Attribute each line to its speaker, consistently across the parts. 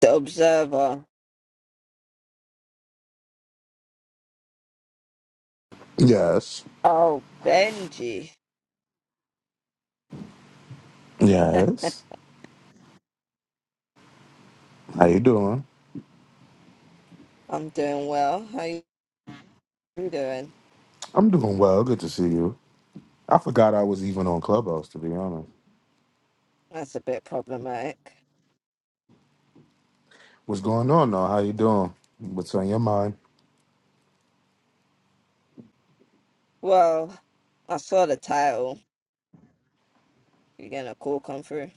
Speaker 1: The Observer.
Speaker 2: Yes.
Speaker 1: Oh, Benji.
Speaker 2: Yes. How you doing?
Speaker 1: I'm doing well. How you doing?
Speaker 2: I'm doing well. Good to see you. I forgot I was even on Clubhouse to be honest.
Speaker 1: That's a bit problematic.
Speaker 2: What's going on now? How you doing? What's on your mind?
Speaker 1: Well, I saw the title. You're gonna call come through,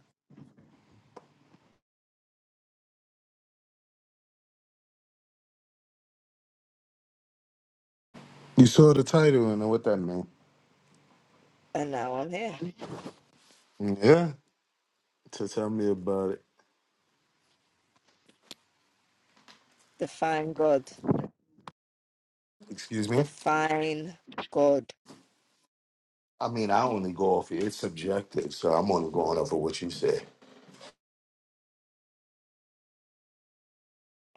Speaker 2: You saw the title and know what that meant.
Speaker 1: and now I'm here.
Speaker 2: Yeah. To tell me about it.
Speaker 1: Define God.
Speaker 2: Excuse me?
Speaker 1: Define God.
Speaker 2: I mean I only go off it. it's subjective, so I'm only going off of what you say.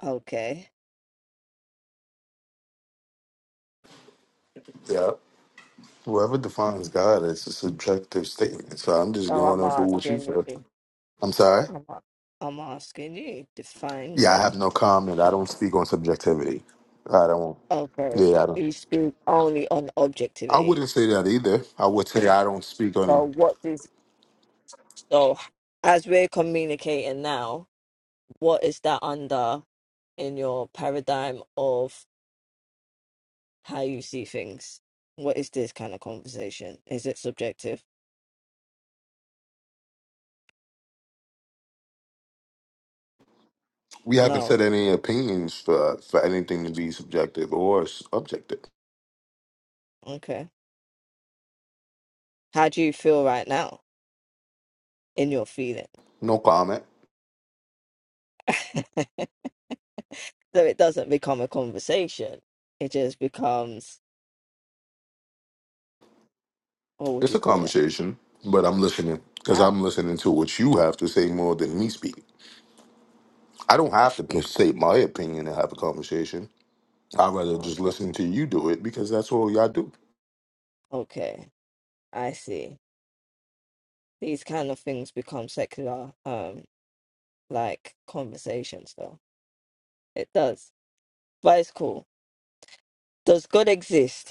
Speaker 1: Okay.
Speaker 2: Yeah. Whoever defines God it's a subjective statement. So I'm just
Speaker 1: So
Speaker 2: going
Speaker 1: I'm
Speaker 2: off of what you
Speaker 1: asking
Speaker 2: feel.
Speaker 1: you.
Speaker 2: I'm sorry?
Speaker 1: I'm, a- I'm asking you. Define
Speaker 2: Yeah, I
Speaker 1: God.
Speaker 2: have no comment. I don't speak on subjectivity. I don't
Speaker 1: Okay.
Speaker 2: yeah, I don't
Speaker 1: You speak only on
Speaker 2: I
Speaker 1: objectivity.
Speaker 2: wouldn't say that either. I would say I don't speak on it.
Speaker 1: So what is so as we're communicating now? what is that under in your paradigm of how you see things? What is this kind of conversation? Is it subjective?
Speaker 2: We haven't
Speaker 1: No.
Speaker 2: said any opinions for for anything to be subjective or s- objective.
Speaker 1: Okay. How do you feel right now in your feeling?
Speaker 2: No comment.
Speaker 1: so it doesn't become a conversation. It just becomes, what would
Speaker 2: It's
Speaker 1: you
Speaker 2: a
Speaker 1: call it?
Speaker 2: conversation, but I'm listening because
Speaker 1: How?
Speaker 2: I'm listening to what you have to say more than me speak. I don't have to p- say my opinion and have a conversation. I'd rather just
Speaker 1: Okay.
Speaker 2: listen to you do it because that's all y'all do.
Speaker 1: Okay. I see. These kind of things become secular, um, like conversations, though. It does. But it's cool. Does God exist?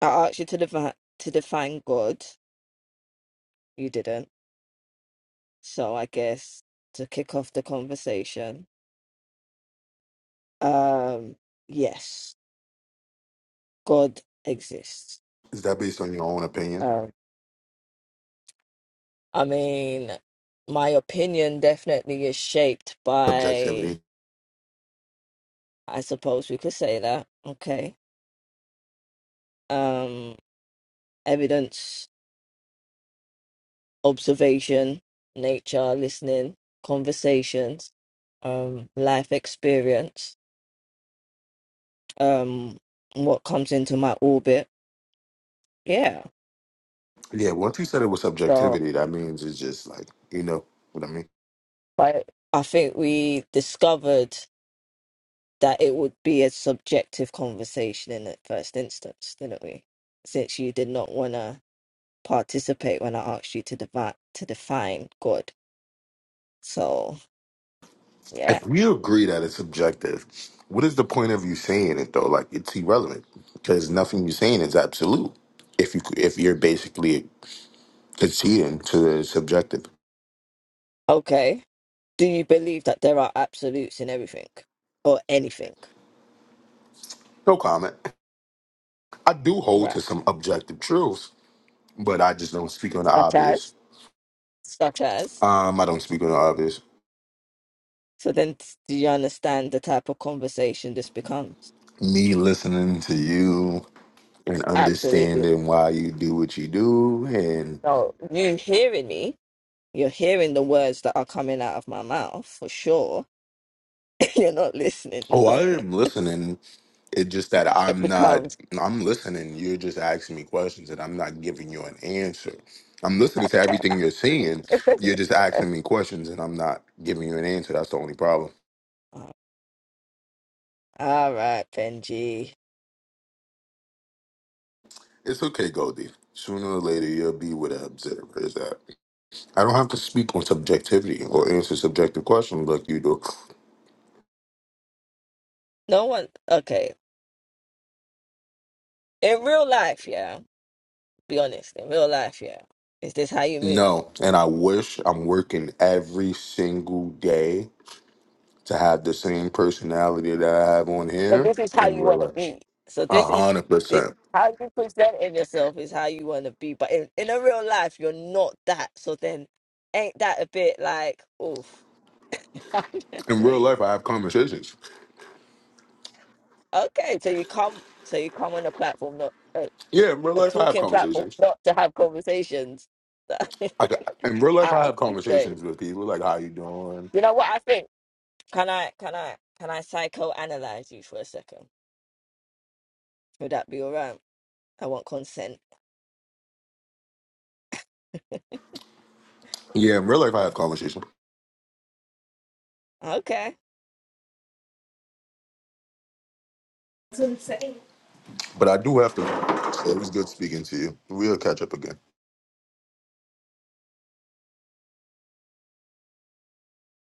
Speaker 1: I asked you to define to define God. You didn't. So I guess to kick off the conversation, um, yes, God exists.
Speaker 2: Is that based on your own opinion?
Speaker 1: Um, I mean, my opinion definitely is shaped by,
Speaker 2: Subjectivity.
Speaker 1: I suppose we could say that, okay, um, evidence, observation, nature, listening, conversations, um, life experience, um, what comes into my orbit Yeah.
Speaker 2: Yeah, once you said it was
Speaker 1: So,
Speaker 2: subjectivity, that means it's just like, you know what I mean?
Speaker 1: like, I think we discovered that it would be a subjective conversation in the first instance, didn't we? Since you did not want to participate when I asked you to define to define God. So, yeah.
Speaker 2: if we agree that it's subjective, what is the point of you saying it though? Like it's irrelevant because nothing you're saying is absolute. If you if you're basically conceding to the subjective,
Speaker 1: Okay. Do you believe that there are absolutes in everything or anything?
Speaker 2: no comment. I do
Speaker 1: All
Speaker 2: hold to
Speaker 1: right.
Speaker 2: some objective truths, but I just don't speak on the
Speaker 1: Such
Speaker 2: obvious.
Speaker 1: as? Such as?
Speaker 2: Um, I don't speak on the obvious.
Speaker 1: So then, t- do you understand the type of conversation this becomes?
Speaker 2: Me listening to you and
Speaker 1: Absolutely.
Speaker 2: understanding why you do what you do, and
Speaker 1: So, you hearing me? You're hearing the words that are coming out of my mouth for sure. You're not listening.
Speaker 2: oh, I
Speaker 1: it
Speaker 2: am listening It's just that I'm not,
Speaker 1: becomes.
Speaker 2: I'm listening. You're just asking me questions and I'm not giving you an answer. I'm listening to everything you're saying. You're just asking me questions and I'm not giving you an answer. That's the only problem.
Speaker 1: All right, Benji.
Speaker 2: It's okay, Goldie. Sooner or later, you'll be with an observer. Is that I don't have to speak on subjectivity or answer subjective questions like you do.
Speaker 1: No one. Okay. In real life, yeah. Be honest. In real life, yeah. Is this how you move?
Speaker 2: No, and I wish I'm working every single day to have the same personality that I have on
Speaker 1: But
Speaker 2: here
Speaker 1: this is how
Speaker 2: in
Speaker 1: you
Speaker 2: real
Speaker 1: want to
Speaker 2: life.
Speaker 1: be. So
Speaker 2: A
Speaker 1: this is
Speaker 2: hundred percent.
Speaker 1: this how you present in yourself is how you want to be. But in in a real life, you're not that. So then, ain't that a bit like, oof? I'm just
Speaker 2: in real
Speaker 1: saying.
Speaker 2: life I have conversations.
Speaker 1: Okay, so you come, so you come on a platform, not a,
Speaker 2: Yeah, in real
Speaker 1: a
Speaker 2: life I have
Speaker 1: talking platform,
Speaker 2: conversations.
Speaker 1: not to have conversations.
Speaker 2: Like in real life
Speaker 1: Out
Speaker 2: I
Speaker 1: of
Speaker 2: have
Speaker 1: betrayed.
Speaker 2: conversations with people like how you doing.
Speaker 1: You know what I think? Can I, can I, can I psychoanalyze you for a second? Would that be all right? I want consent.
Speaker 2: Yeah, in real life I have conversations,
Speaker 1: Okay.
Speaker 2: but I do have to. It was good speaking to you. We'll catch up again.